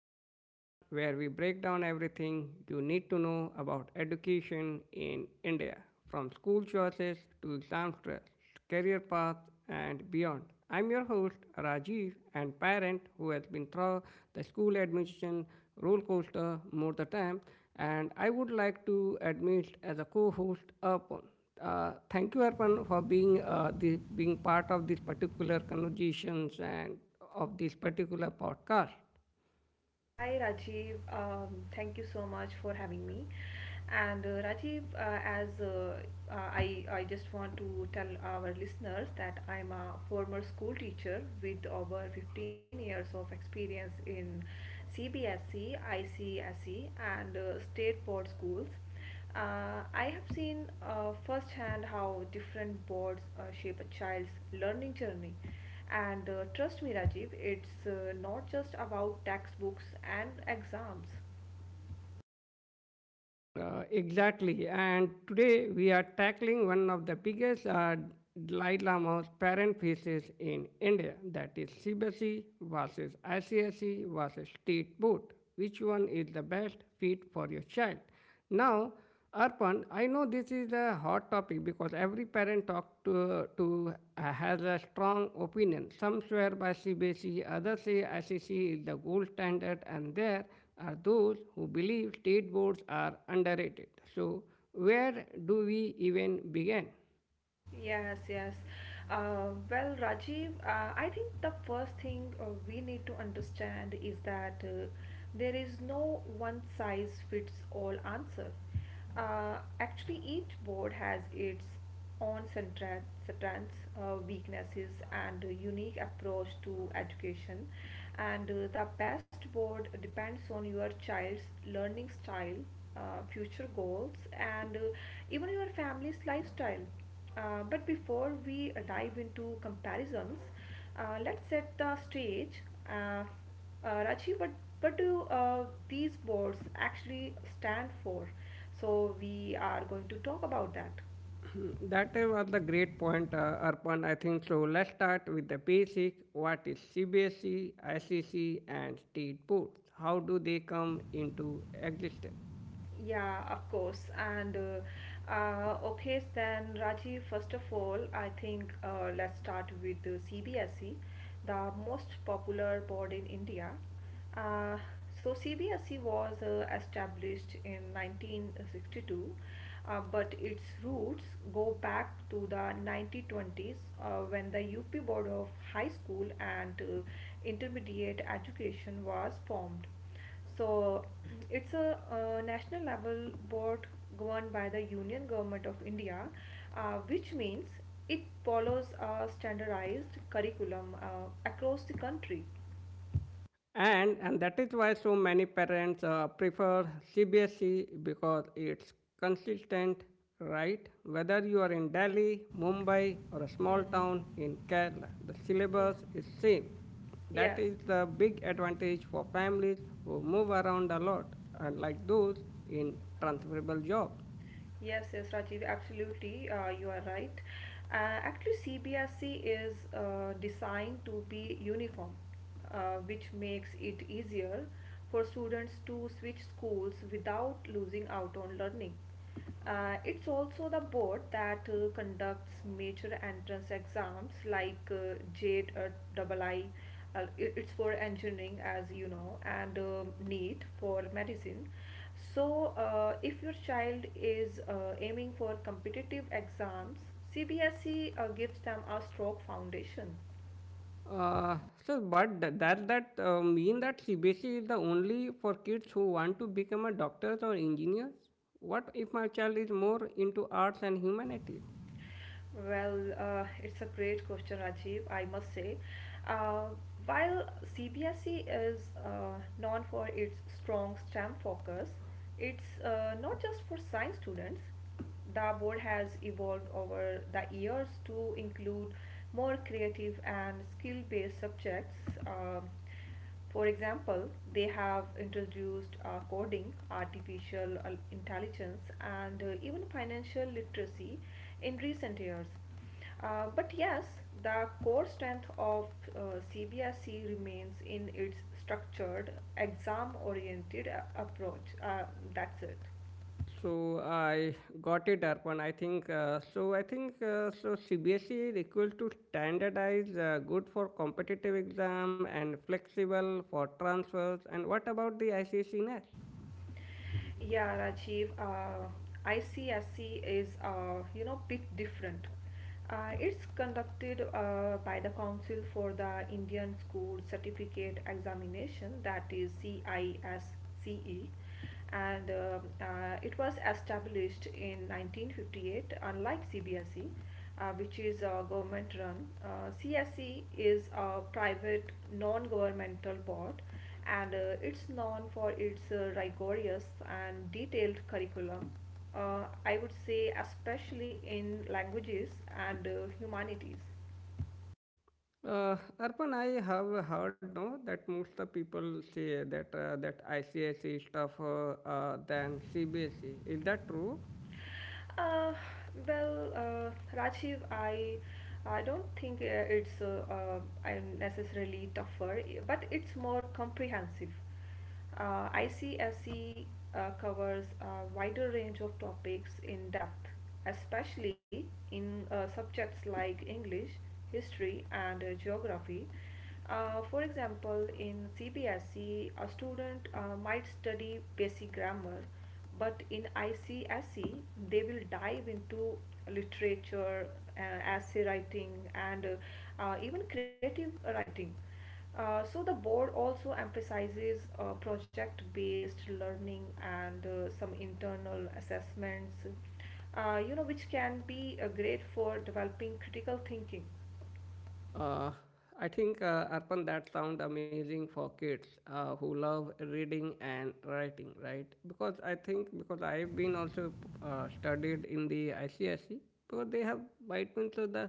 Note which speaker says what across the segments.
Speaker 1: the podcast where we break down everything you need to know about education in India, from school choices to exam stress, career paths, and beyond. I'm your host, Rajiv, and parent who has been through the school admission roller coaster more the time, and I would like to admit as a co-host, Arpan. Thank you, Arpan, for being part of these particular conversations and of this particular podcast.
Speaker 2: Hi Rajiv, thank you so much for having me. And Rajiv, I just want to tell our listeners that I'm a former school teacher with over 15 years of experience in CBSE, ICSE, and state board schools. I have seen firsthand how different boards shape a child's learning journey. And trust me, Rajiv, it's not just about textbooks and exams.
Speaker 1: Exactly. And today we are tackling one of the biggest Dalai Lama's parent faces in India, that is CBSE versus ICSE versus state board. Which one is the best fit for your child? Now, Arpan, I know this is a hot topic because every parent talk to has a strong opinion. Some swear by CBSE, others say SEC is the gold standard, and there are those who believe state boards are underrated. So, where do we even begin?
Speaker 2: Yes, yes. Well, Rajiv, I think the first thing we need to understand is that there is no one size fits all answer. Actually, each board has its own strengths, weaknesses, and a unique approach to education. And the best board depends on your child's learning style, future goals, and even your family's lifestyle. But before we dive into comparisons, let's set the stage. Uh, Raji, what do these boards actually stand for? So, we are going to talk about that.
Speaker 1: That was the great point, Arpan. I think so. Let's start with the basic. What is CBSE, SEC, and state boards? How do they come into existence?
Speaker 2: Yeah, of course. And okay, then Rajiv, first of all, I think let's start with the CBSE, the most popular board in India. Uh, so CBSE was established in 1962, but its roots go back to the 1920s when the UP Board of High School and Intermediate Education was formed. So it's a national level board governed by the Union Government of India, which means it follows a standardized curriculum across the country.
Speaker 1: And that is why so many parents prefer CBSE because it's consistent, right? Whether you are in Delhi, Mumbai, or a small
Speaker 2: Mhm.
Speaker 1: town in Kerala, the
Speaker 2: Mm.
Speaker 1: syllabus is same. That
Speaker 2: Yes,
Speaker 1: is the big advantage for families who move around a lot, unlike those in transferable jobs.
Speaker 2: yes, yes, Rajiv, absolutely, you are right. Actually, CBSE is designed to be uniform, which makes it easier for students to switch schools without losing out on learning. It's also the board that conducts major entrance exams like JAT, II. It's for engineering, as you know, and NEET for medicine. So, if your child is aiming for competitive exams, CBSE gives them a strong foundation.
Speaker 1: Uh, but that mean that CBSE is the only for kids who want to become a doctors or engineers. What if my child is more into arts and humanities?
Speaker 2: Well, it's a great question, Rajiv, I must say. Uh, while CBSE is known for its strong STEM focus, it's not just for science students. The board has evolved over the years to include more creative and skill based subjects. Um, for example, they have introduced coding, artificial intelligence, and even financial literacy in recent years. But yes, the core strength of CBSE remains in its structured, exam oriented approach. That's it.
Speaker 1: So I got it, Arpan. I think so. I think so. CBSE is equal to standardized, good for competitive exam and flexible for transfers. And what about the ICC NET?
Speaker 2: Yeah, Rajiv, ICSC is bit different. It's conducted by the Council for the Indian School Certificate Examination, that is CISCE, and it was established in 1958, unlike CBSE, which is government run. CSE is a private non governmental board, and it's known for its rigorous and detailed curriculum. I would say, especially in languages and humanities.
Speaker 1: Arpan, I have heard no that most of people say that ICIC stuff than CBSE. Is that true?
Speaker 2: Uh, well, Rajiv, I don't think it's I'm necessarily tougher, but it's more comprehensive. ICFC covers a wider range of topics in depth, especially in subjects like English, history, and geography. For example, in CBSE, a student might study basic grammar, but in ICSE they will dive into literature, essay writing, and even creative writing. So the board also emphasizes project-based learning and some internal assessments, which can be great for developing critical thinking.
Speaker 1: Uh, I think Arpan, that sound amazing for kids who love reading and writing, right? Because I think, because I've been also studied in the ICSE, so they have vitamins of the.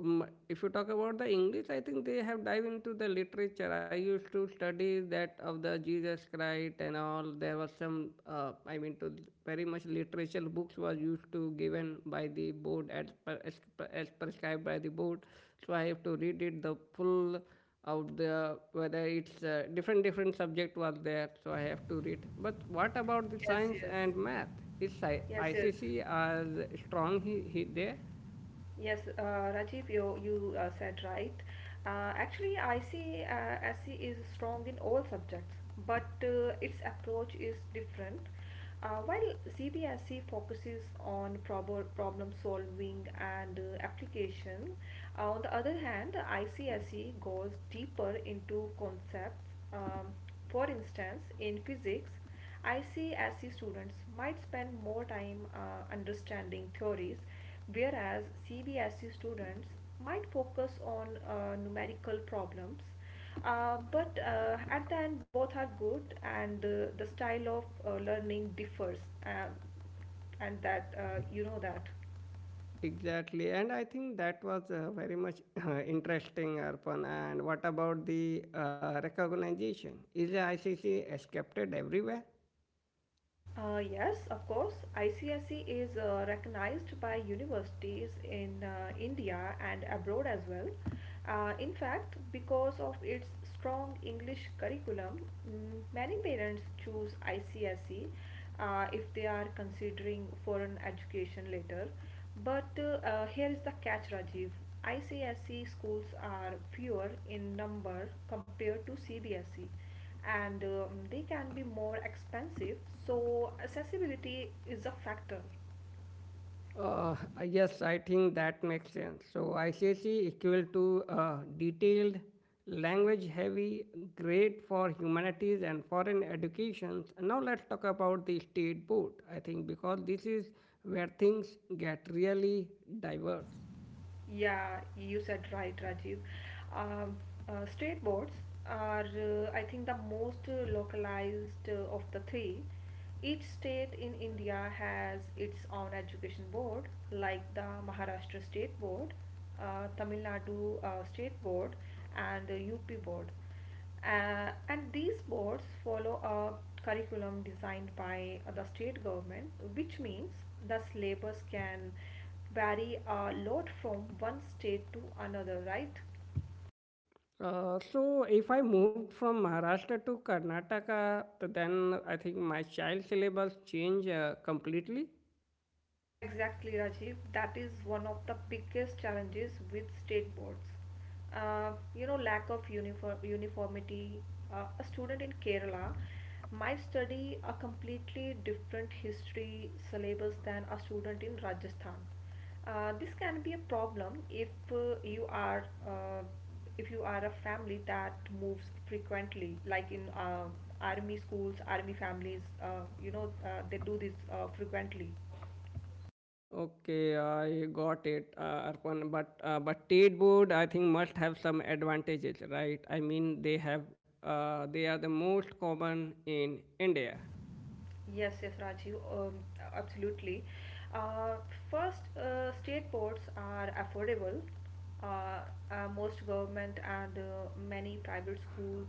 Speaker 1: If you talk about the English, I think they have dive into the literature. I used to study that of the Jesus Christ and all. There was some, I mean, to very much literature books was used to given by the board as prescribed by the board. So I have to read it the full out the whether it's different subject was there. So I have to read. But what about the
Speaker 2: Yes,
Speaker 1: science
Speaker 2: yes,
Speaker 1: and math? Is
Speaker 2: yes, yes.
Speaker 1: ICC as strong he there?
Speaker 2: Yes, Rajiv, you said right. Uh, actually, IC SC is strong in all subjects, but its approach is different. While CBSE focuses on problem solving and application, on the other hand, ICSE goes deeper into concepts. Um, for instance, in physics, ICSE students might spend more time understanding theories, whereas CBSE students might focus on numerical problems. But at the end, both are good, and the style of learning differs, um, and that you know that.
Speaker 1: Exactly, and I think that was very much interesting, Arpan. And what about the recognition? Is the ICC accepted everywhere?
Speaker 2: Yes, of course. ICSE is recognized by universities in India and abroad as well. In fact, because of its strong English curriculum, many parents choose ICSE if they are considering foreign education later. But here is the catch, Rajiv. ICSE schools are fewer in number compared to CBSE, and they can be more expensive. So, accessibility is a factor.
Speaker 1: Uh, yes, I think that makes sense. So ICC equal to detailed, language-heavy, great for humanities and foreign educations. Now let's talk about the state board. I think because this is where things get really diverse.
Speaker 2: Yeah, you said right, Rajiv. Um, state boards are, I think, the most localized of the three. Each state in India has its own education board, like the Maharashtra State Board, Tamil Nadu State Board, and UP Board. And these boards follow a curriculum designed by the state government, which means the syllabus can vary a lot from one state to another, right?
Speaker 1: So if I moved from Maharashtra to Karnataka, then I think my child syllabus changed completely.
Speaker 2: Exactly, Rajiv. That is one of the biggest challenges with state boards. Lack of uniform uniformity. A student in Kerala might study a completely different history syllabus than a student in Rajasthan. This can be a problem if you are if you are a family that moves frequently, like in army schools, army families. They do this frequently.
Speaker 1: Okay, I got it, Arpan. But state board, I think, must have some advantages, right? I mean, they have they are the most common in India.
Speaker 2: Yes, yes, Rajiv, absolutely. Uh, first, state ports are affordable. Uh, most government and many private schools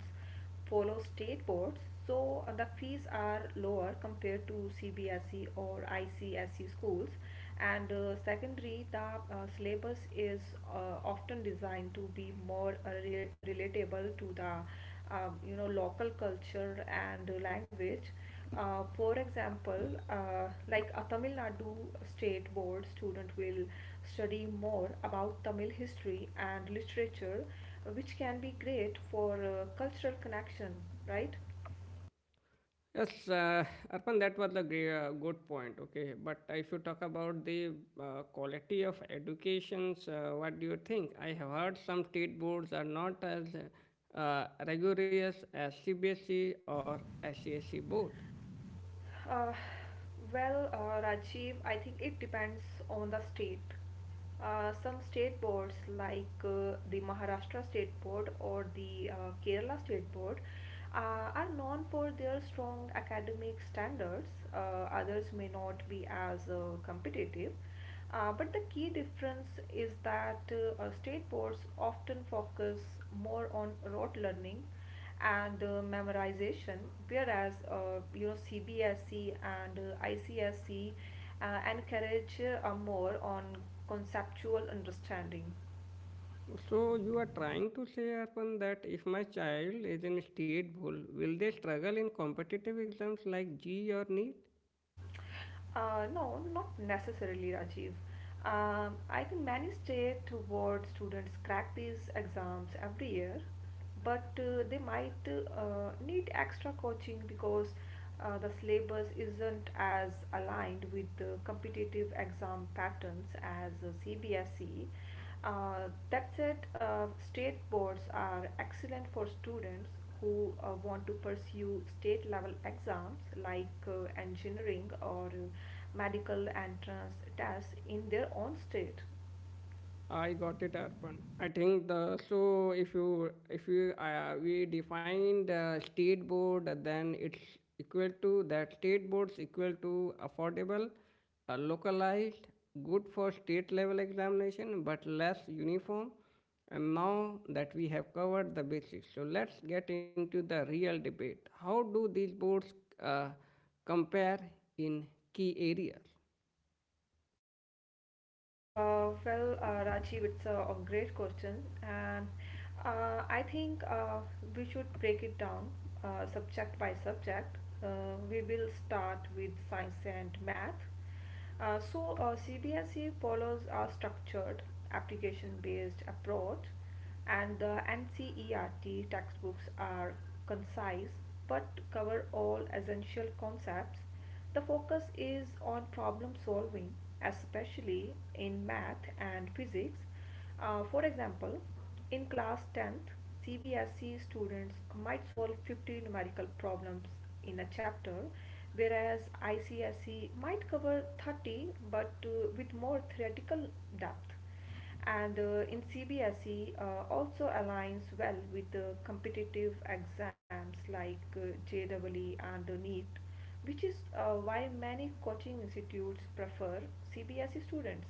Speaker 2: follow state boards, so the fees are lower compared to CBSE or ICSE schools. And secondary, the syllabus is often designed to be more relatable to the local culture and language. For example, like a Tamil Nadu State Board student will study more about Tamil history and literature, which can be great for cultural connection, right?
Speaker 1: Yes, Arpan, that was a great, good point. Okay, but if you talk about the quality of educations, what do you think? I have heard some state boards are not as rigorous as CBSE or SCSE board.
Speaker 2: Uh, well, Rajiv, I think it depends on the state. Some state boards, like the Maharashtra State Board or the Kerala State Board, uh, are known for their strong academic standards. Uh, others may not be as competitive. But the key difference is that state boards often focus more on rote learning and memorization, whereas CBSE and ICSC encourage more on conceptual understanding.
Speaker 1: So you are trying to say, Arpan, that if my child is in state board, will they struggle in competitive exams like G E or NEET?
Speaker 2: No, not necessarily, Rajiv. I think many stay toward students crack these exams every year, but they might need extra coaching because the syllabus isn't as aligned with the competitive exam patterns as CBSE. That said, state boards are excellent for students who want to pursue state level exams like engineering or medical entrance tests in their own state.
Speaker 1: I got it, Arpan. I think the so if you we define the state board, then it's equal to that state boards equal to affordable, localized, good for state level examination, but less uniform. And now that we have covered the basics, so let's get into the real debate. How do these boards uh, compare in key areas?
Speaker 2: Well, Rajiv, it's a great question, and I think we should break it down subject by subject. We will start with science and math. So, CBSE follows a structured application based approach, and the NCERT textbooks are concise but cover all essential concepts. The focus is on problem solving, especially in math and physics. For example, in class 10th, CBSE students might solve 50 numerical problems in a chapter, whereas ICSE might cover 30, but with more theoretical depth. And in CBSE also aligns well with the competitive exams like JEE and NEET, which is why many coaching institutes prefer CBSE students.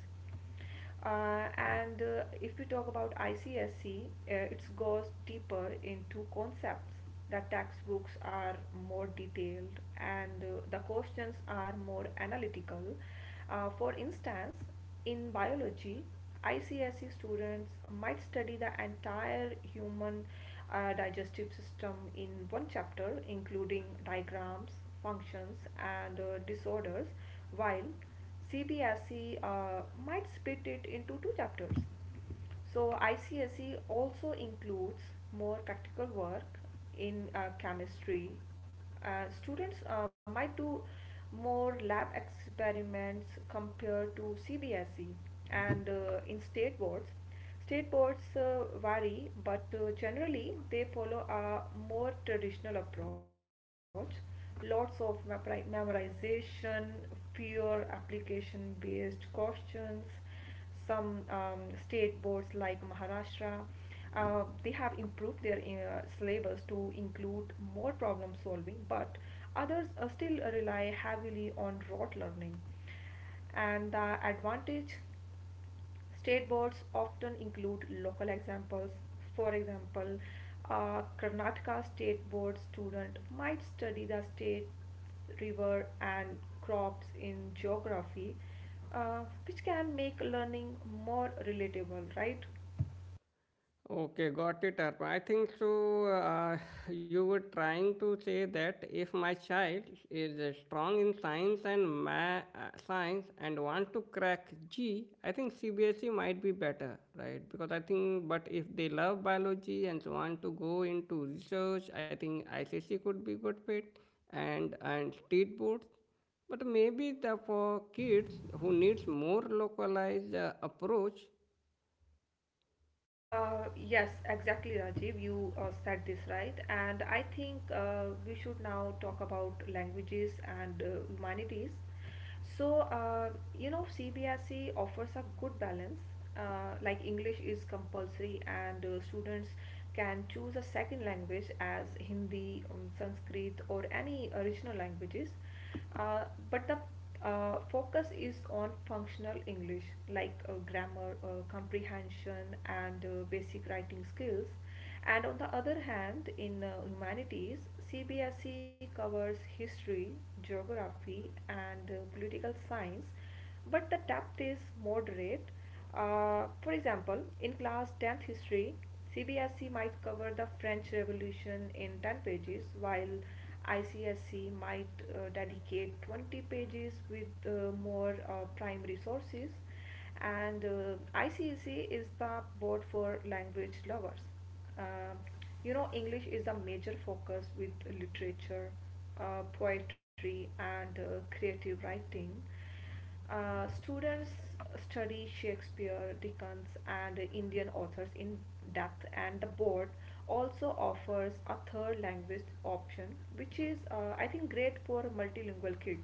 Speaker 2: And if we talk about ICSC, it goes deeper into concepts. The textbooks are more detailed, and the questions are more analytical. For instance, in biology, ICSE students might study the entire human digestive system in one chapter, including diagrams, functions, and disorders, while CBSE might split it into two chapters. So ICSE also includes more practical work in chemistry. Students might do more lab experiments compared to CBSE, and in state boards. State boards vary, but generally they follow a more traditional approach. Lots of memorization, pure application based questions. Some state boards like Maharashtra, they have improved their syllabus to include more problem solving, but others still rely heavily on rote learning. And the advantage: state boards often include local examples. For example, a Karnataka state board student might study the state river and crops in geography, which can make learning more relatable, right?
Speaker 1: Okay, got it, Arpa. I think so. You were trying to say that if my child is strong in science and want to crack G, I think CBSE might be better, right? Because I think, but if they love biology and want to go into research, I think ICC could be good fit, and state boards. But maybe the for kids who needs more localized approach.
Speaker 2: Yes, exactly, Rajiv. You said this right. And I think we should now talk about languages and humanities. So, CBSE offers a good balance. Like English is compulsory, and students can choose a second language as Hindi, Sanskrit, or any original languages. Uh, but the focus is on functional English like grammar, comprehension, and basic writing skills. And on the other hand, in humanities, CBSE covers history, geography, and political science, but the depth is moderate. For example, in class 10th history, CBSE might cover the French Revolution in 10 pages, while ICSE might dedicate 20 pages with more primary sources and ICEC is the board for language lovers. Um, you know, English is a major focus with literature, poetry, and creative writing. Students study Shakespeare, Dickens, and Indian authors in depth, and the board also offers a third language option, which is, I think, great for multilingual kids.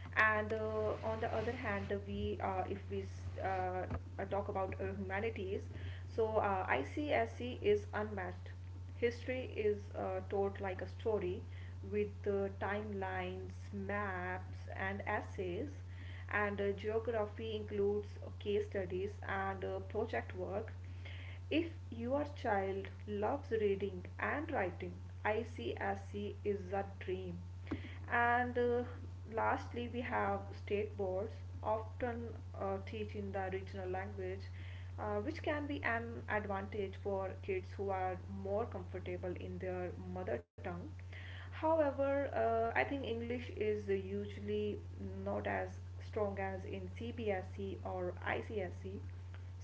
Speaker 2: And On the other hand, we if we s- talk about humanities, so ICSC is unmatched. History is told like a story, with timelines, maps, and essays. And Geography includes case studies and project work. If your child loves reading and writing, ICSC is a dream. And Lastly, we have state boards. Often teach in the regional language, which can be an advantage for kids who are more comfortable in their mother tongue. However, I think English is usually not as strong as in CBSE or ICSE.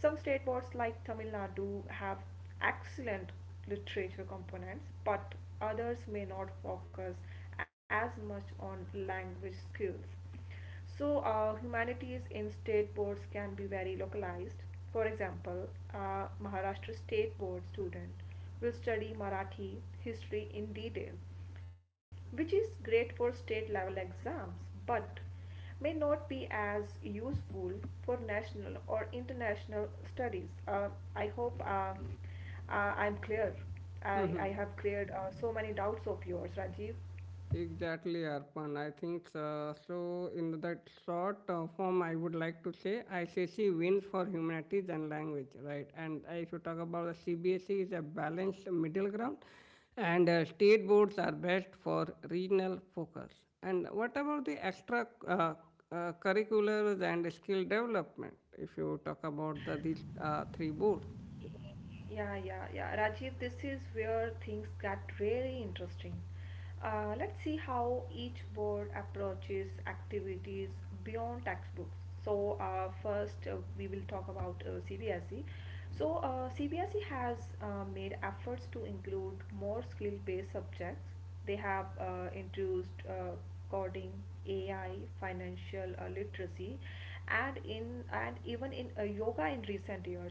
Speaker 2: Some state boards like Tamil Nadu have excellent literature components, but others may not focus as much on language skills. So, humanities in state boards can be very localized. For example, a Maharashtra State Board student will study Marathi history in detail, which is great for state level exams but may not be as useful for national or international studies. I hope I'm clear. I have cleared so many doubts of yours, Rajiv.
Speaker 1: Exactly, Arpan. I think so. In that short form, I would like to say ICC wins for humanities and language, right? And if you talk about the CBSE, is a balanced middle ground, and state boards are best for regional focus. And what about the extra curriculars and skill development? If you talk about these three boards.
Speaker 2: Yeah, yeah, yeah. Rajiv, this is where things get really interesting. Let's see how each board approaches activities beyond textbooks. So, first, we will talk about CBSE. So, CBSE has made efforts to include more skill based subjects. They have introduced coding, AI, financial literacy, and even in yoga in recent years.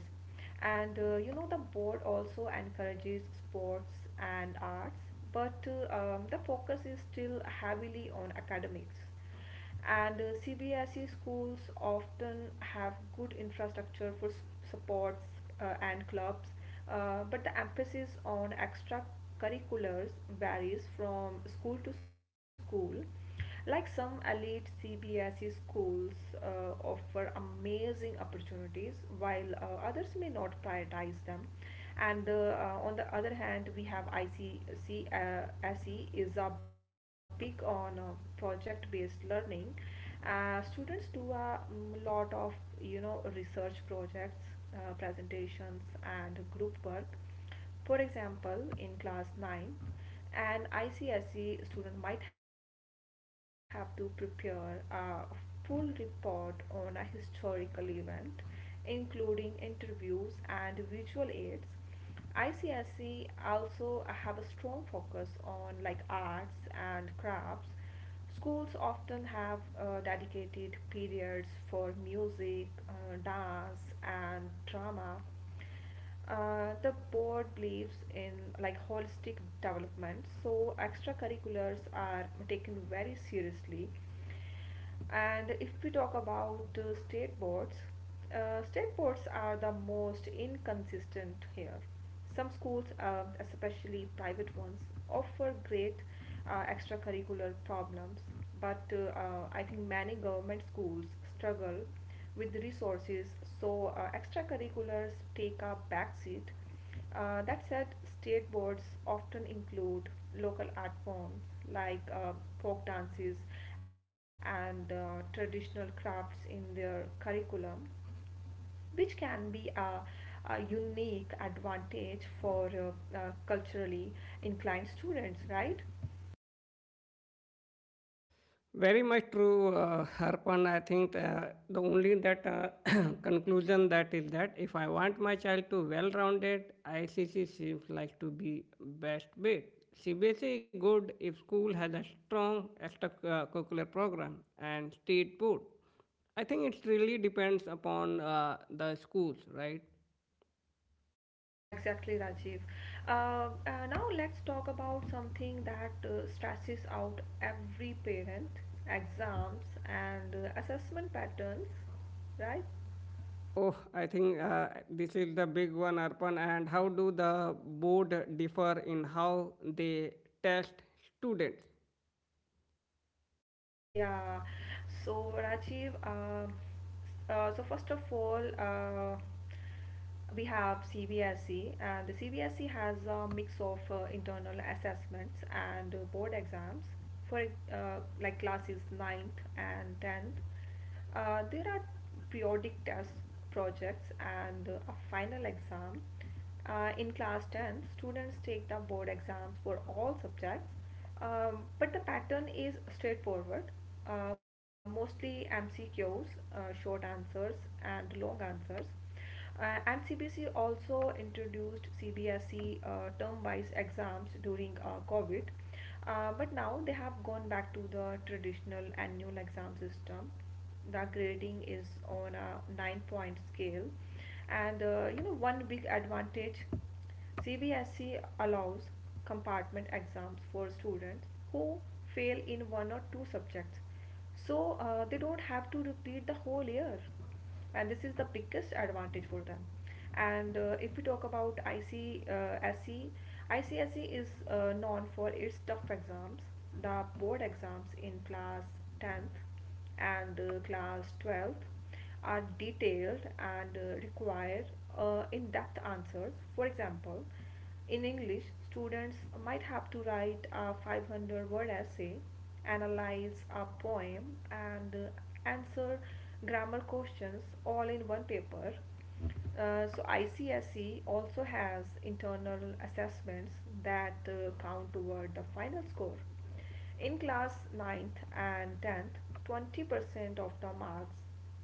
Speaker 2: And You know, the board also encourages sports and arts, but the focus is still heavily on academics. And CBSE schools often have good infrastructure for supports and clubs, but the emphasis on extracurriculars varies from school to school. Like, some elite CBSE schools offer amazing opportunities, while others may not prioritize them. And on the other hand, we have ICSE. SE is a big on project-based learning. Students do a lot of research projects, presentations, and group work. For example, in class 9th, an ICSE student might have to prepare a full report on a historical event, including interviews and visual aids. ICSE also have a strong focus on like arts and crafts. Schools often have dedicated periods for music, dance, and drama. The board believes in like holistic development, so extracurriculars are taken very seriously. And if we talk about state boards are the most inconsistent here. Some schools, especially private ones, offer great extracurricular problems, but I think many government schools struggle with the resources, so extracurriculars take a back seat. That said, state boards often include local art forms like folk dances and traditional crafts in their curriculum, which can be a unique advantage for culturally inclined students, right?
Speaker 1: Very much true, Harpan. I think the only that conclusion that is that if I want my child to well-rounded, ICC seems like to be best bet. CBSE good if school has a strong extracurricular program, and state board. I think it really depends upon the schools, right?
Speaker 2: Exactly, Rajiv. Uh, uh, Now let's talk about something that stresses out every parent: exams and assessment patterns, right?
Speaker 1: Oh, I think this is the big one, Arpan. And how do the board differ in how they test students?
Speaker 2: Yeah. So Rajiv, so first of all, we have CBSE, and the CBSE has a mix of internal assessments and board exams for like classes ninth and 10th. There are periodic tests, projects, and a final exam. In class 10, students take the board exams for all subjects, but the pattern is straightforward. Mostly MCQs, short answers, and long answers. And CBC also introduced CBSE term-wise exams during COVID. But now they have gone back to the traditional annual exam system. The grading is on a nine-point scale, and you know, one big advantage: CBSE allows compartment exams for students who fail in one or two subjects, so they don't have to repeat the whole year. And this is the biggest advantage for them. And if we talk about ICSE is known for its tough exams. The board exams in class 10th and class 12th are detailed and require in-depth answers. For example, in English, students might have to write a 500-word word essay, analyze a poem, and answer grammar questions all in one paper. So ICSE also has internal assessments that count toward the final score. In class ninth and 10th, 20% of the marks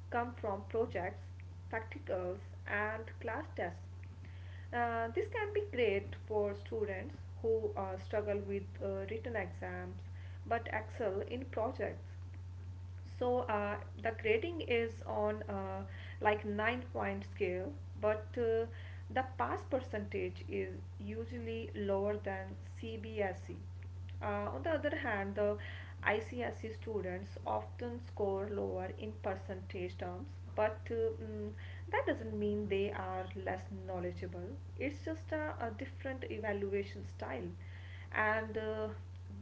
Speaker 2: come from projects, practicals, and class tests. This can be great for students who struggle with written exams but excel in projects. So the grading is on like 9-point scale, but the pass percentage is usually lower than CBSE. On the other hand, the ICSE students often score lower in percentage terms, but that doesn't mean they are less knowledgeable. It's just a different evaluation style. And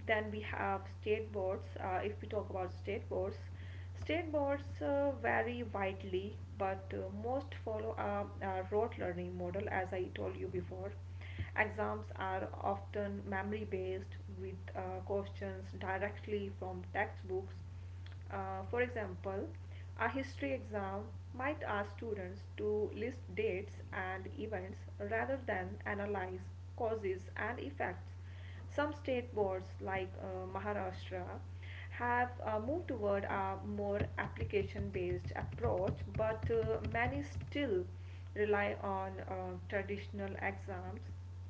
Speaker 2: Then we have state boards. If we talk about state boards State boards vary widely, but most follow a rote learning model, as I told you before. Exams are often memory based, with questions directly from textbooks. For example, a history exam might ask students to list dates and events rather than analyze causes and effects. Some state boards, like Maharashtra, have moved toward a more application based approach, but many still rely on traditional exams.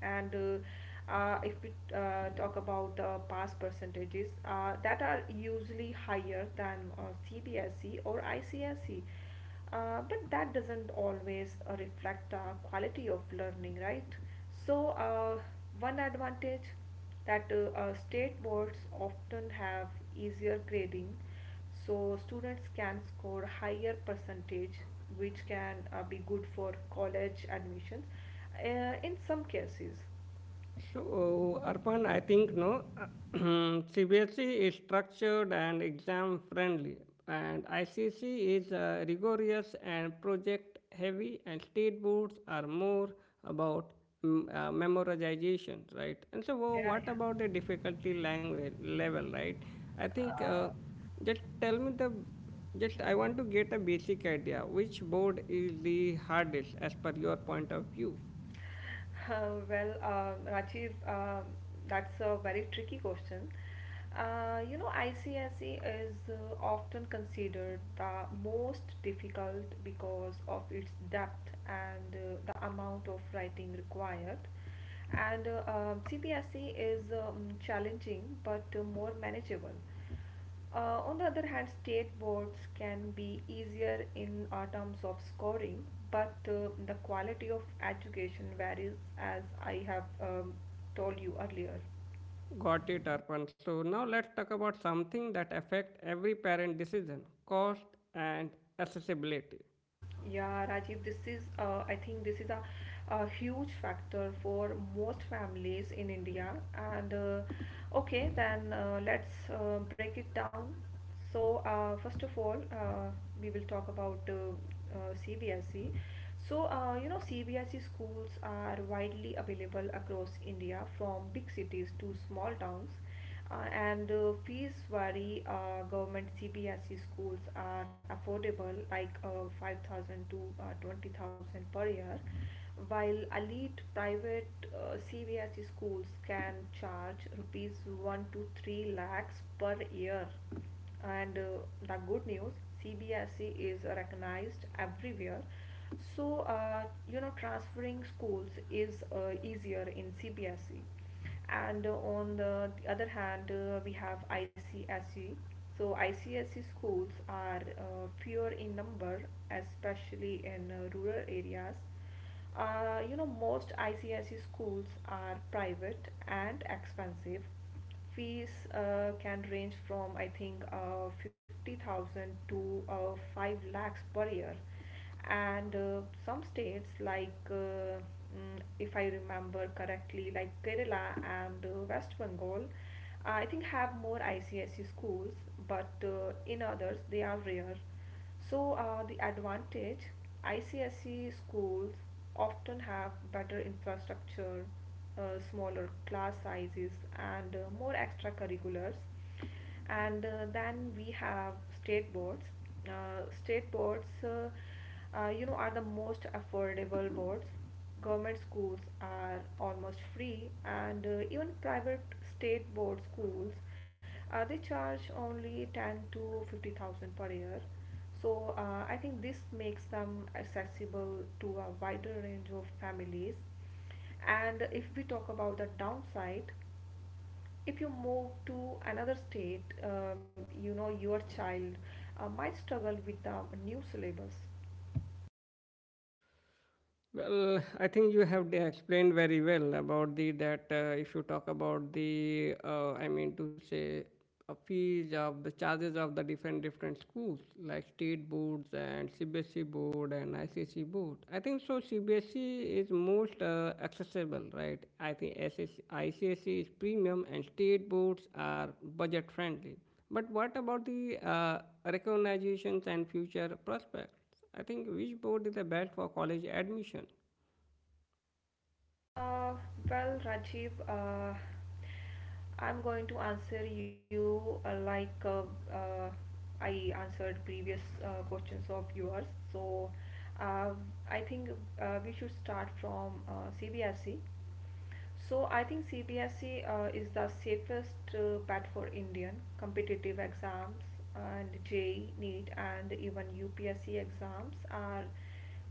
Speaker 2: And If we talk about the pass percentages, that are usually higher than CBSE or ICSE. But that doesn't always reflect the quality of learning, right? So one advantage that state boards often have: easier grading, so students can score higher percentage, which can be good for college admissions. In some cases,
Speaker 1: So, Arpan, I think no, CBSE is structured and exam friendly, and ICC is rigorous and project heavy, and state boards are more about memorization, right? And so,
Speaker 2: yeah,
Speaker 1: what
Speaker 2: yeah.
Speaker 1: about the difficulty language level, right? I think
Speaker 2: Uh,
Speaker 1: just tell me the, just I want to get a basic idea. Which board is the hardest as per your point of view?
Speaker 2: Well, Rajiv, that's a very tricky question. You know, ICSE is often considered the most difficult because of its depth and the amount of writing required. And CBSE is challenging but more manageable. On the other hand, state boards can be easier in our terms of scoring, but the quality of education varies, as I have told you earlier.
Speaker 1: Got it, Arpan. So now let's talk about something that affects every parent decision: cost and accessibility.
Speaker 2: Yeah, Rajiv, this is I think this is a huge factor for most families in India. And Okay, then let's break it down. So first of all, we will talk about CBSE. So you know, CBSE schools are widely available across India, from big cities to small towns. Uh, and Fees vary. Government CBSE schools are affordable, like 5,000 to 20,000 per year, while elite private CBSE schools can charge rupees 1 to 3 lakhs per year. And The good news: CBSE is recognized everywhere, so you know, transferring schools is easier in CBSE. And On the other hand, we have ICSE. So ICSE schools are fewer in number, especially in rural areas. You know, most ICSE schools are private and expensive. Fees can range from, I think, 50,000 to 5 lakhs per year. And some states, like if I remember correctly, like Kerala and West Bengal, I think have more ICSE schools, but in others they are rare. So, the advantage: ICSE schools often have better infrastructure, smaller class sizes, and more extracurriculars. And Then we have state boards. uh, state boards uh, you know, are the most affordable boards. Government schools are almost free, and even private state board schools they charge only 10 to 50,000 per year. So I think this makes them accessible to a wider range of families. And if we talk about the downside, if you move to another state, you know, your child might struggle with the new syllabus.
Speaker 1: Well, I think you have explained very well about the that if you talk about the I mean to say fees of the charges of the different schools like state boards and CBSE board and ICC board. I think so. CBSE is most accessible, right? I think ICSE is premium and state boards are budget friendly. But what about the recognitions and future prospects? I think which board is the best for college admission?
Speaker 2: Uh, well, Rajiv, I'm going to answer you like uh, I answered previous questions of yours. So uh, I think we should start from CBSE. So I think CBSE is the safest bet for Indian competitive exams, and JEE, NEET and even UPSC exams are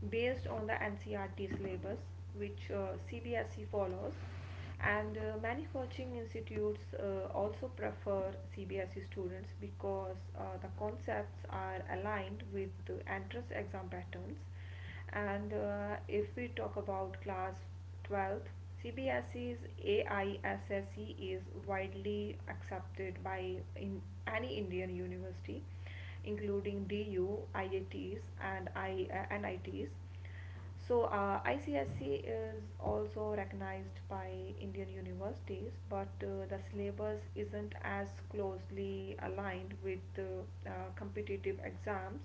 Speaker 2: based on the NCRT syllabus which CBSE follows. And many coaching institutes also prefer CBSE students because the concepts are aligned with the entrance exam patterns. And if we talk about class 12th, CBSE's AISSE is widely accepted by in any Indian university, including DU, IITs, and I, NITs. So ICSE is also recognized by Indian universities, but the syllabus isn't as closely aligned with competitive exams.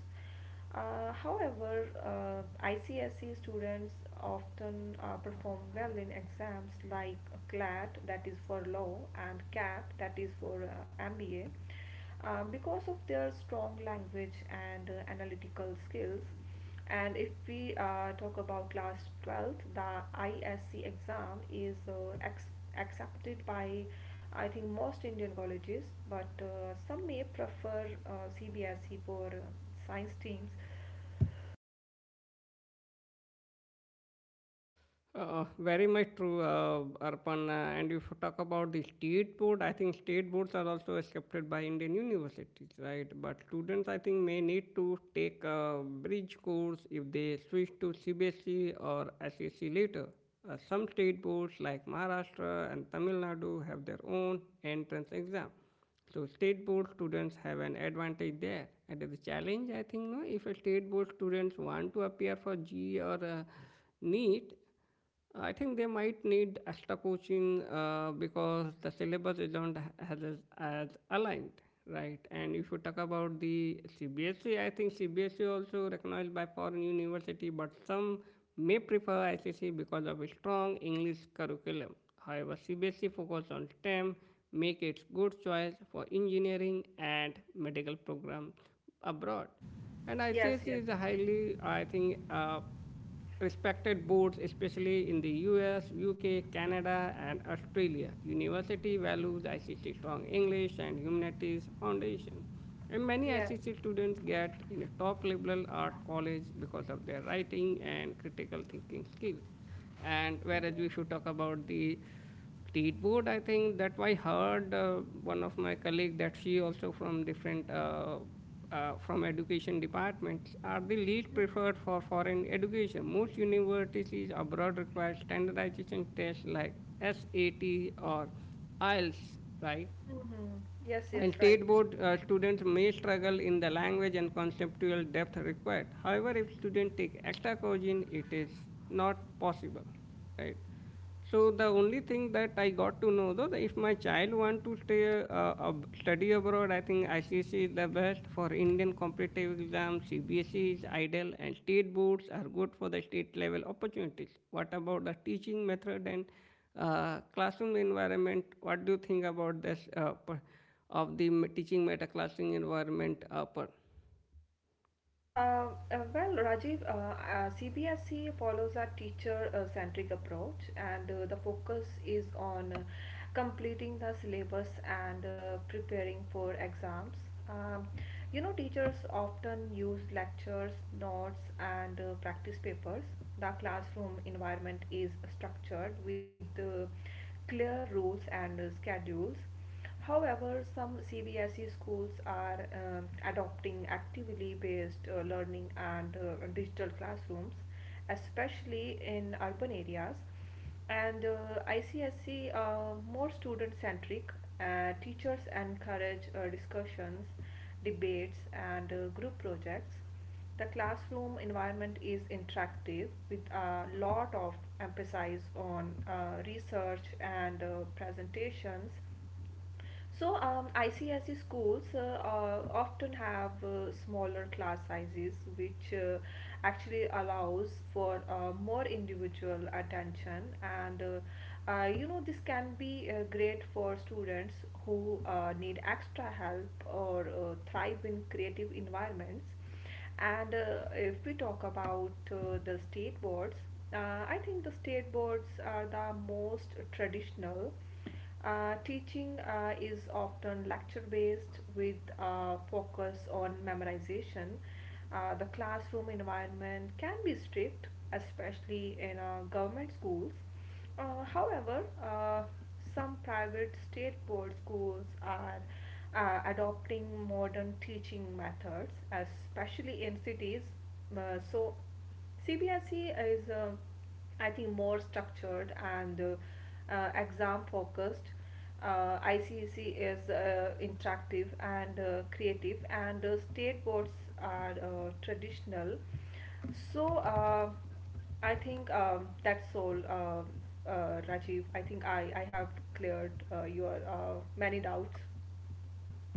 Speaker 2: However, ICSE students often perform well in exams like CLAT, that is for law, and CAT, that is for MBA, because of their strong language and analytical skills. And if we talk about class 12th, the ISC exam is accepted by I think most Indian colleges, but some may prefer CBSE for science teams.
Speaker 1: Very much true, Arpan. And if you talk about the state board, I think state boards are also accepted by Indian universities, right? But students, I think, may need to take a bridge course if they switch to CBSE or SSE later. Some state boards like Maharashtra and Tamil Nadu have their own entrance exam. So state board students have an advantage there. And the challenge, I think, no, if a state board students want to appear for G E or NEET, I think they might need extra coaching because the syllabus isn't as aligned, right? And if you talk about the CBSE, I think CBSE also recognized by foreign university, but some may prefer ICC because of a strong English curriculum. However, CBSE focus on STEM, make its good choice for engineering and medical program abroad. And
Speaker 2: Yes,
Speaker 1: ICSE
Speaker 2: yes,
Speaker 1: is a highly, I think, respected boards, especially in the US, UK, Canada, and Australia. University values ICC Strong English and Humanities Foundation. And many
Speaker 2: yes.
Speaker 1: ICC students get in a top liberal art college because of their writing and critical thinking skills. And whereas we should talk about the state board, I think that I heard one of my colleague that she also from different from education departments are the least preferred for foreign education. Most universities abroad require standardization tests like SAT or IELTS, right?
Speaker 2: Hmm. Yes, yes,
Speaker 1: And
Speaker 2: right.
Speaker 1: state board students may struggle in the language and conceptual depth required. However, if students take extra coaching, it is not possible, right? So the only thing that I got to know though, that if my child want to stay study abroad, I think ICSE is the best for Indian competitive exams. CBSE is ideal, and state boards are good for the state level opportunities. What about the teaching method and classroom environment? What do you think about this teaching meta classroom environment?
Speaker 2: Well, Rajiv, CBSE follows a teacher-centric approach, and the focus is on completing the syllabus and preparing for exams. Um, you know, teachers often use lectures, notes, and practice papers. The classroom environment is structured with clear rules and schedules. However, some CBSE schools are adopting actively based learning and digital classrooms, especially in urban areas. And ICSE are more student centric. Teachers encourage discussions, debates, and group projects. The classroom environment is interactive with a lot of emphasis on research and presentations. So, ICSE schools often have smaller class sizes, which actually allows for more individual attention. And you know, this can be great for students who need extra help or thrive in creative environments. And if we talk about the state boards, uh, I think the state boards are the most traditional. Teaching is often lecture based with focus on memorization. The classroom environment can be strict, especially in government schools. However, some private state board schools are adopting modern teaching methods, especially in cities. So, CBSE is, I think, more structured and exam focused. ICEC is interactive and creative, and state boards are traditional. So I think that's all, Rajiv. I think I have cleared your many doubts.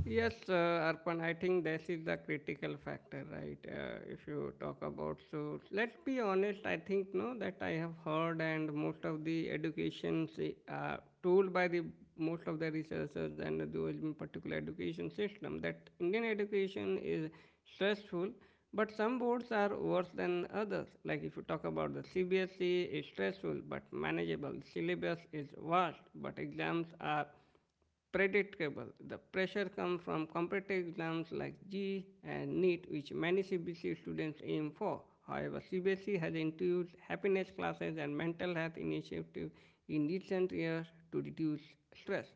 Speaker 1: Yes, Arpan, I think that is the critical factor, right? If you talk about so, let's be honest. I think no that I have heard, and most of the told by the most of the researchers and those in particular education system that Indian education is stressful, but some boards are worse than others. Like if you talk about the CBSE, is stressful but manageable. Syllabus is vast, but exams are predictable. The pressure comes from competitive exams like G E E and NEET, which many CBSE students aim for. However, CBSE has introduced happiness classes and mental health initiatives in recent years to reduce stress.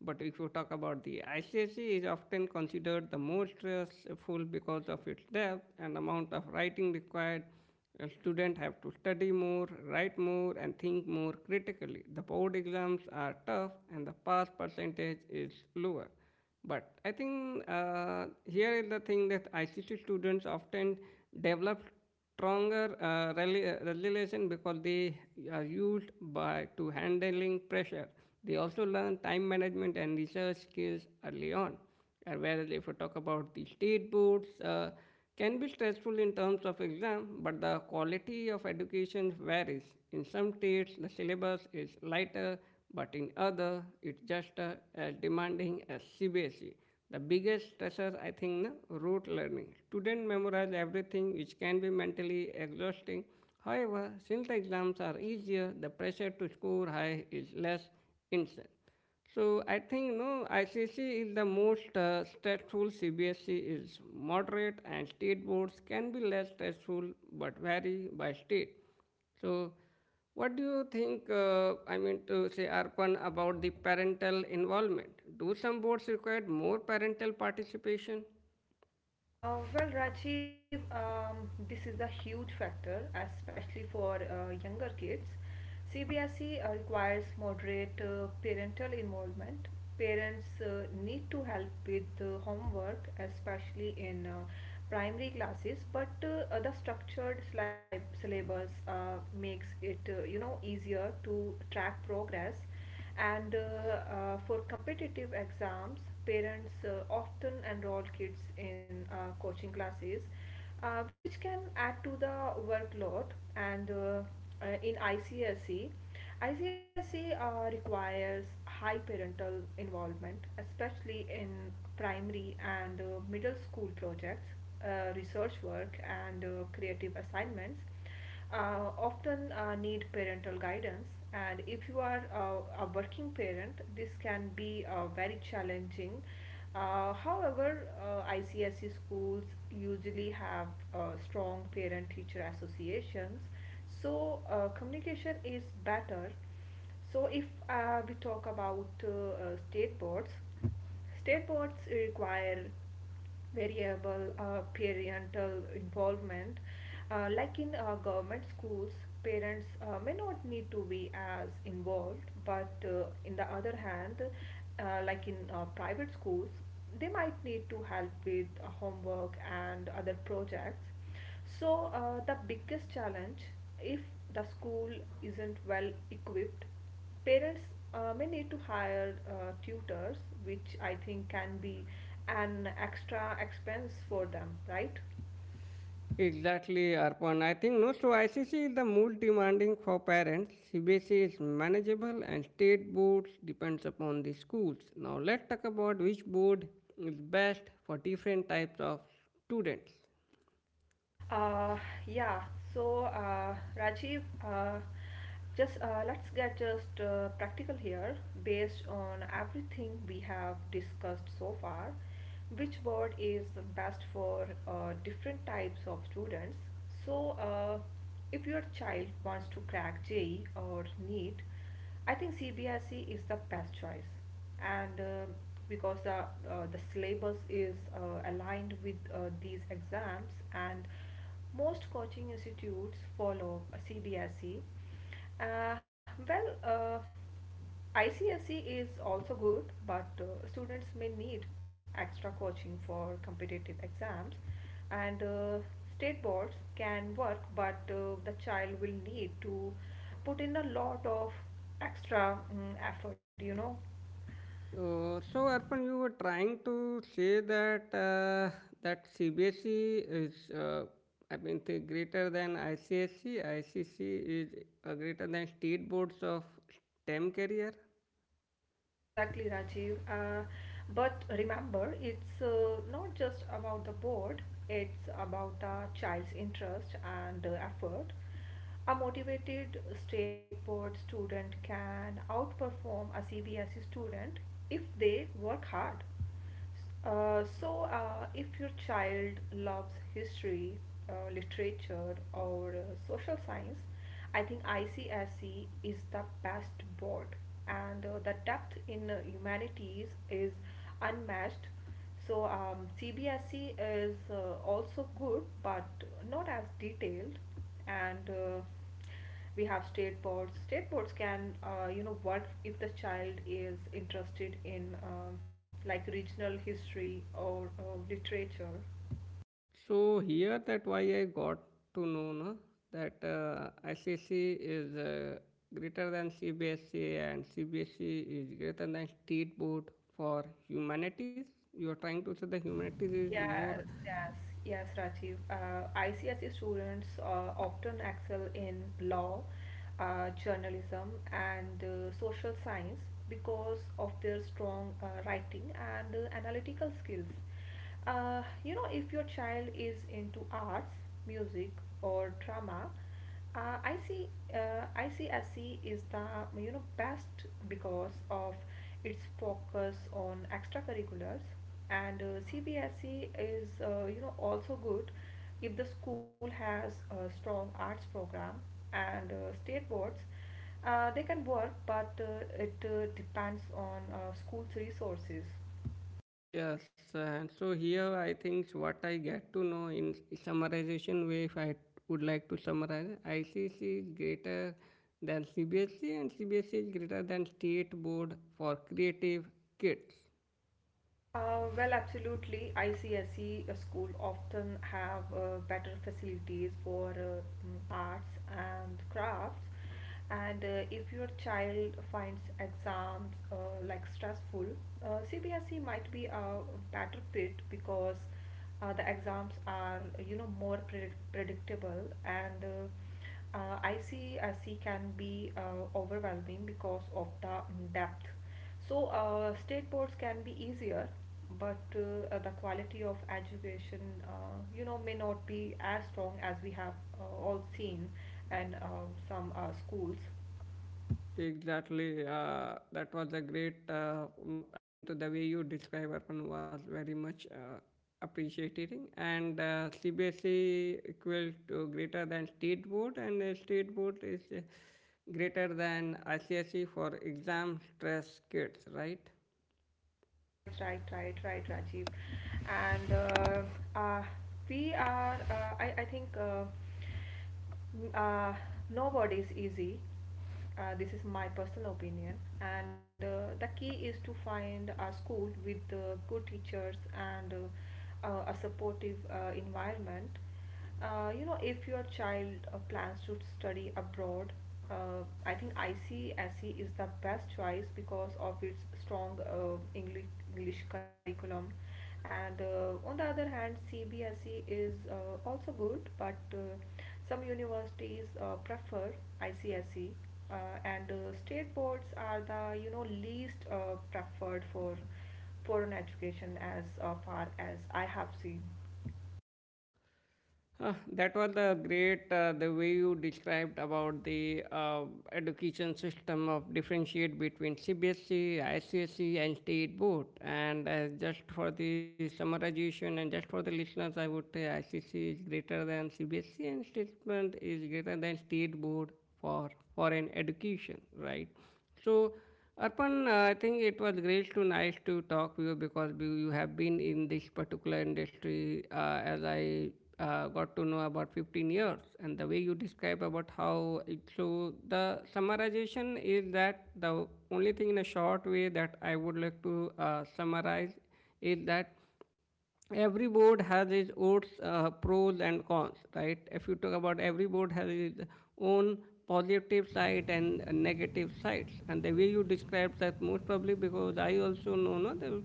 Speaker 1: But if you talk about the ICSE, is often considered the most stressful because of its depth and amount of writing required, and students have to study more, write more, and think more critically. The board exams are tough, and the pass percentage is lower. But I think, here is the thing that ICT students often develop stronger resilience because they are used by to handling pressure. They also learn time management and research skills early on. And whereas if we talk about the state boards, can be stressful in terms of exam, but the quality of education varies. In some states, the syllabus is lighter, but in other, it's just as demanding as CBSE. The biggest stressor, I think, na, rote learning. Student memorize everything, which can be mentally exhausting. However, since the exams are easier, the pressure to score high is less intense. So I think no ICC is the most stressful. CBSC is moderate, and state boards can be less stressful but vary by state. So, what do you think? I mean to say, Arpan, about the parental involvement? Do some boards require more parental participation?
Speaker 2: Well, Rajiv, this is a huge factor, especially for younger kids. CBSE requires moderate parental involvement. Parents need to help with homework, especially in primary classes, but the syllabus makes it, you know, easier to track progress. And for competitive exams, parents often enroll kids in coaching classes, which can add to the workload. And in ICSE requires high parental involvement, especially in primary and middle school projects. Research work and creative assignments often need parental guidance. And if you are a working parent, this can be very challenging. However, ICSE schools usually have strong parent teacher associations, so communication is better. So, if we talk about state boards require variable parental involvement. Like in government schools, parents may not need to be as involved, but in the other hand, like in private schools, they might need to help with homework and other projects. So, the biggest challenge, if the school isn't well equipped, parents may need to hire tutors, which I think can be an extra expense for them, right?
Speaker 1: Exactly, Arpan. I think no. So ICC is the most demanding for parents. CBSE is manageable, and state boards depends upon the schools. Now let's talk about which board is best for different types of students.
Speaker 2: Uh, yeah, so Rajiv, just let's get just practical here based on everything we have discussed so far. Which board is best for different types of students? So, if your child wants to crack JEE or NEET, I think CBSE is the best choice, and because the syllabus is aligned with these exams, and most coaching institutes follow CBSE. Uh, well, ICSE is also good, but students may need extra coaching for competitive exams, and state boards can work, but the child will need to put in a lot of extra effort, you know.
Speaker 1: So Arpan, you were trying to say that that CBSE is, I mean, the greater than ICSE. ICC is greater than state boards of STEM career.
Speaker 2: Exactly, Rajiv. But remember, it's not just about the board, it's about the child's interest and effort. A motivated state board student can outperform a CBSE student if they work hard. So, if your child loves history, literature, or social science, I think ICSE is the best board, and the depth in humanities is unmatched. So, CBSE is also good, but not as detailed, and we have state boards can you know work if the child is interested in like regional history or literature.
Speaker 1: So here that why I got to know na, that SSC is greater than CBSC, and CBSC is greater than State Board for Humanities. You are trying to say the humanities is more.
Speaker 2: Yes, yes, yes, Rajiv. ICSE students often excel in law, journalism, and social science because of their strong writing and analytical skills. You know, if your child is into arts, music, or drama, I see ICSE is the you know best because of its focus on extracurriculars, and CBSE is you know also good if the school has a strong arts program. And state boards, they can work, but it depends on school's resources.
Speaker 1: Yes. And so here I think what I get to know in summarization way, if I would like to summarize, ICC is greater than CBSC, and CBSC is greater than State Board for Creative Kids.
Speaker 2: Well, absolutely. ICSE school often have better facilities for arts and crafts. And if your child finds exams like stressful, CBSE might be a better fit because the exams are you know more predictable, and ICSE can be overwhelming because of the depth. So, state boards can be easier, but the quality of education, you know, may not be as strong as we have all seen and some schools.
Speaker 1: Exactly. That was a great. I mean, to the way you describe Arpan was very much appreciating. And CBSE equals to greater than state board, and the state board is greater than ICSE for exam stress kids, right?
Speaker 2: Right, right, right, right, Rajiv. And uh, uh, we are, uh, I, I think, n- uh, nowadays easy, this is my personal opinion. And the key is to find a school with good teachers and a supportive environment. You know, if your child plans to study abroad, I think ICSE is the best choice because of its strong English curriculum. And on the other hand, CBSE is also good, but some universities prefer ICSE, uh, and state boards are the you know least preferred for foreign education, as far as I have seen.
Speaker 1: That was the great the way you described about the education system of differentiate between CBSE, ICSE, and state board. And just for the summarization and just for the listeners, I would say ICSE is greater than CBSE, and state board is greater than state board for foreign education, right? So, Arpan, I think it was great to nice to talk with you because you have been in this particular industry, as I got to know about 15 years, and the way you describe about how it so the summarization is that the only thing in a short way that I would like to summarize is that every board has its own pros and cons, right? If you talk about every board has its own positive side and negative sides, and the way you describe that most probably because I also know no, the,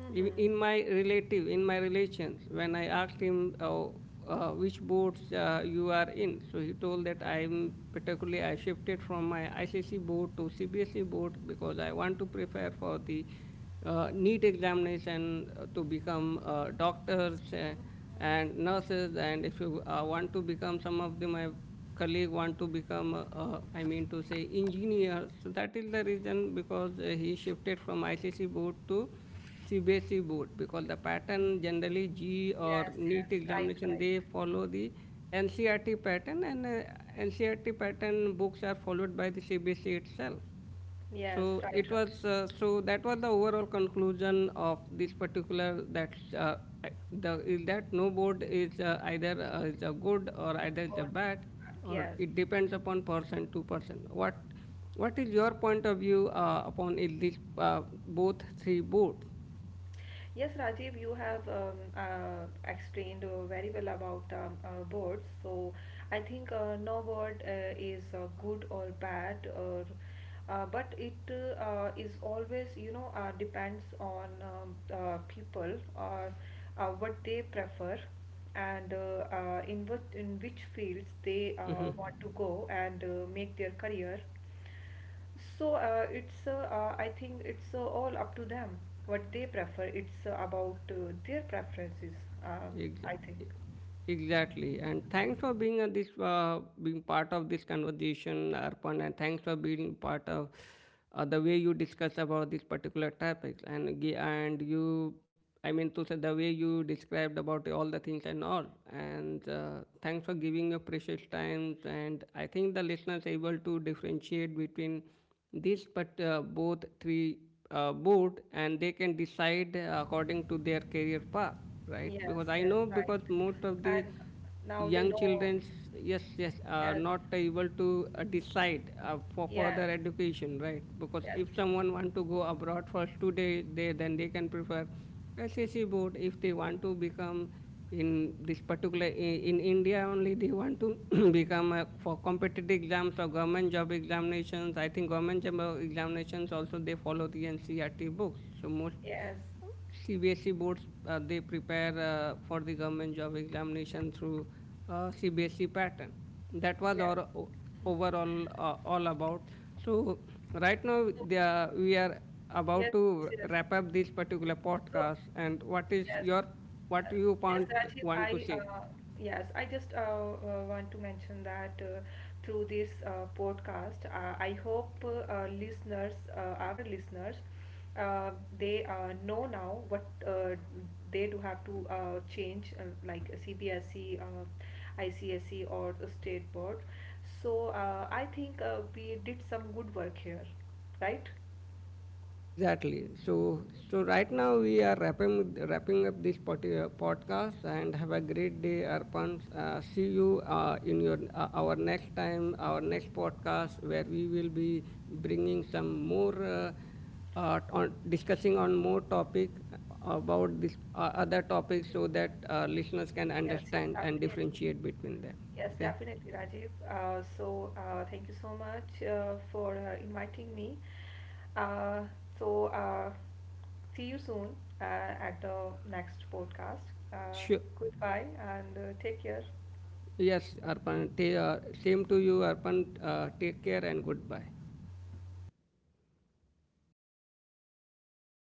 Speaker 2: Mm-hmm.
Speaker 1: in my relative, in my relations, when I asked him which boards you are in, so he told that I'm particularly I shifted from my ICC board to CBSE board because I want to prepare for the neat examination to become doctors and nurses. And if you want to become, some of the my colleague want to become, I mean to say, engineers. So that is the reason because he shifted from ICC board to CBSE board because the pattern generally G or
Speaker 2: Yes, yes,
Speaker 1: Neet
Speaker 2: right,
Speaker 1: examination,
Speaker 2: right.
Speaker 1: they follow the NCRT pattern, and NCRT pattern books are followed by the CBSE itself.
Speaker 2: Yes,
Speaker 1: So
Speaker 2: right,
Speaker 1: it
Speaker 2: right.
Speaker 1: was so that was the overall conclusion of this particular that the is that no board is either is a good or either is a
Speaker 2: Or—
Speaker 1: bad, or
Speaker 2: yes.
Speaker 1: it depends upon person to person. What is your point of view upon is this both three boards?
Speaker 2: Yes, Rajiv, you have explained very well about birds. So I think no bird is good or bad, or but it is always you know depends on people or what they prefer and in which fields they
Speaker 1: Mm-hmm.
Speaker 2: want to go and make their career. So it's I think it's all up to them what they prefer. It's about their preferences.
Speaker 1: Ex-
Speaker 2: I think.
Speaker 1: e- Exactly, and thanks for being on this, being part of this conversation, Arpan, and thanks for being part of the way you discuss about this particular topic. And you, I mean to say, the way you described about all the things and all. And thanks for giving your precious time. And I think the listeners able to differentiate between this, but both three board, and they can decide according to their career path, right?
Speaker 2: Yes,
Speaker 1: Because I
Speaker 2: yes,
Speaker 1: know
Speaker 2: right.
Speaker 1: because most of the
Speaker 2: And now they
Speaker 1: young
Speaker 2: know.
Speaker 1: children, yes, yes, are
Speaker 2: Yes,
Speaker 1: not able to decide for further
Speaker 2: yes,
Speaker 1: education, right? Because
Speaker 2: yes,
Speaker 1: if someone want to go abroad for today, they then they can prefer SSC board. If they want to become in this particular in India only, they want to become a, for competitive exams or government job examinations, I think government job examinations also they follow the NCERT books, so most
Speaker 2: yes,
Speaker 1: CBSE boards they prepare for the government job examination through CBSE pattern. That was
Speaker 2: yes.
Speaker 1: our overall all about. So right now
Speaker 2: So.
Speaker 1: we are about
Speaker 2: Yes, yes.
Speaker 1: to wrap up this particular
Speaker 2: So,
Speaker 1: podcast. And what
Speaker 2: yes.
Speaker 1: is your
Speaker 2: Uh,
Speaker 1: what you
Speaker 2: Yes, Rajiv,
Speaker 1: want
Speaker 2: I
Speaker 1: to say?
Speaker 2: yes, I just want to mention that through this podcast, I hope our listeners, uh, they know now what they do have to change, like CBSE, ICSE, or the state board. So I think we did some good work here, right?
Speaker 1: Exactly. So, so right now we are wrapping up this podcast, and have a great day, Arpan. See you in your our next time, our next podcast, where we will be bringing some more on discussing on more topic about this other topic, so that listeners can
Speaker 2: Yes, yes,
Speaker 1: understand and
Speaker 2: definitely.
Speaker 1: differentiate between them.
Speaker 2: Yes,
Speaker 1: Okay.
Speaker 2: definitely, Rajiv. So, thank you so much for inviting me. Uh, so, see you soon at the next podcast. Uh,
Speaker 1: Sure.
Speaker 2: Goodbye and take care.
Speaker 1: Yes, Arpan. Same to you, Arpan. Take care and goodbye.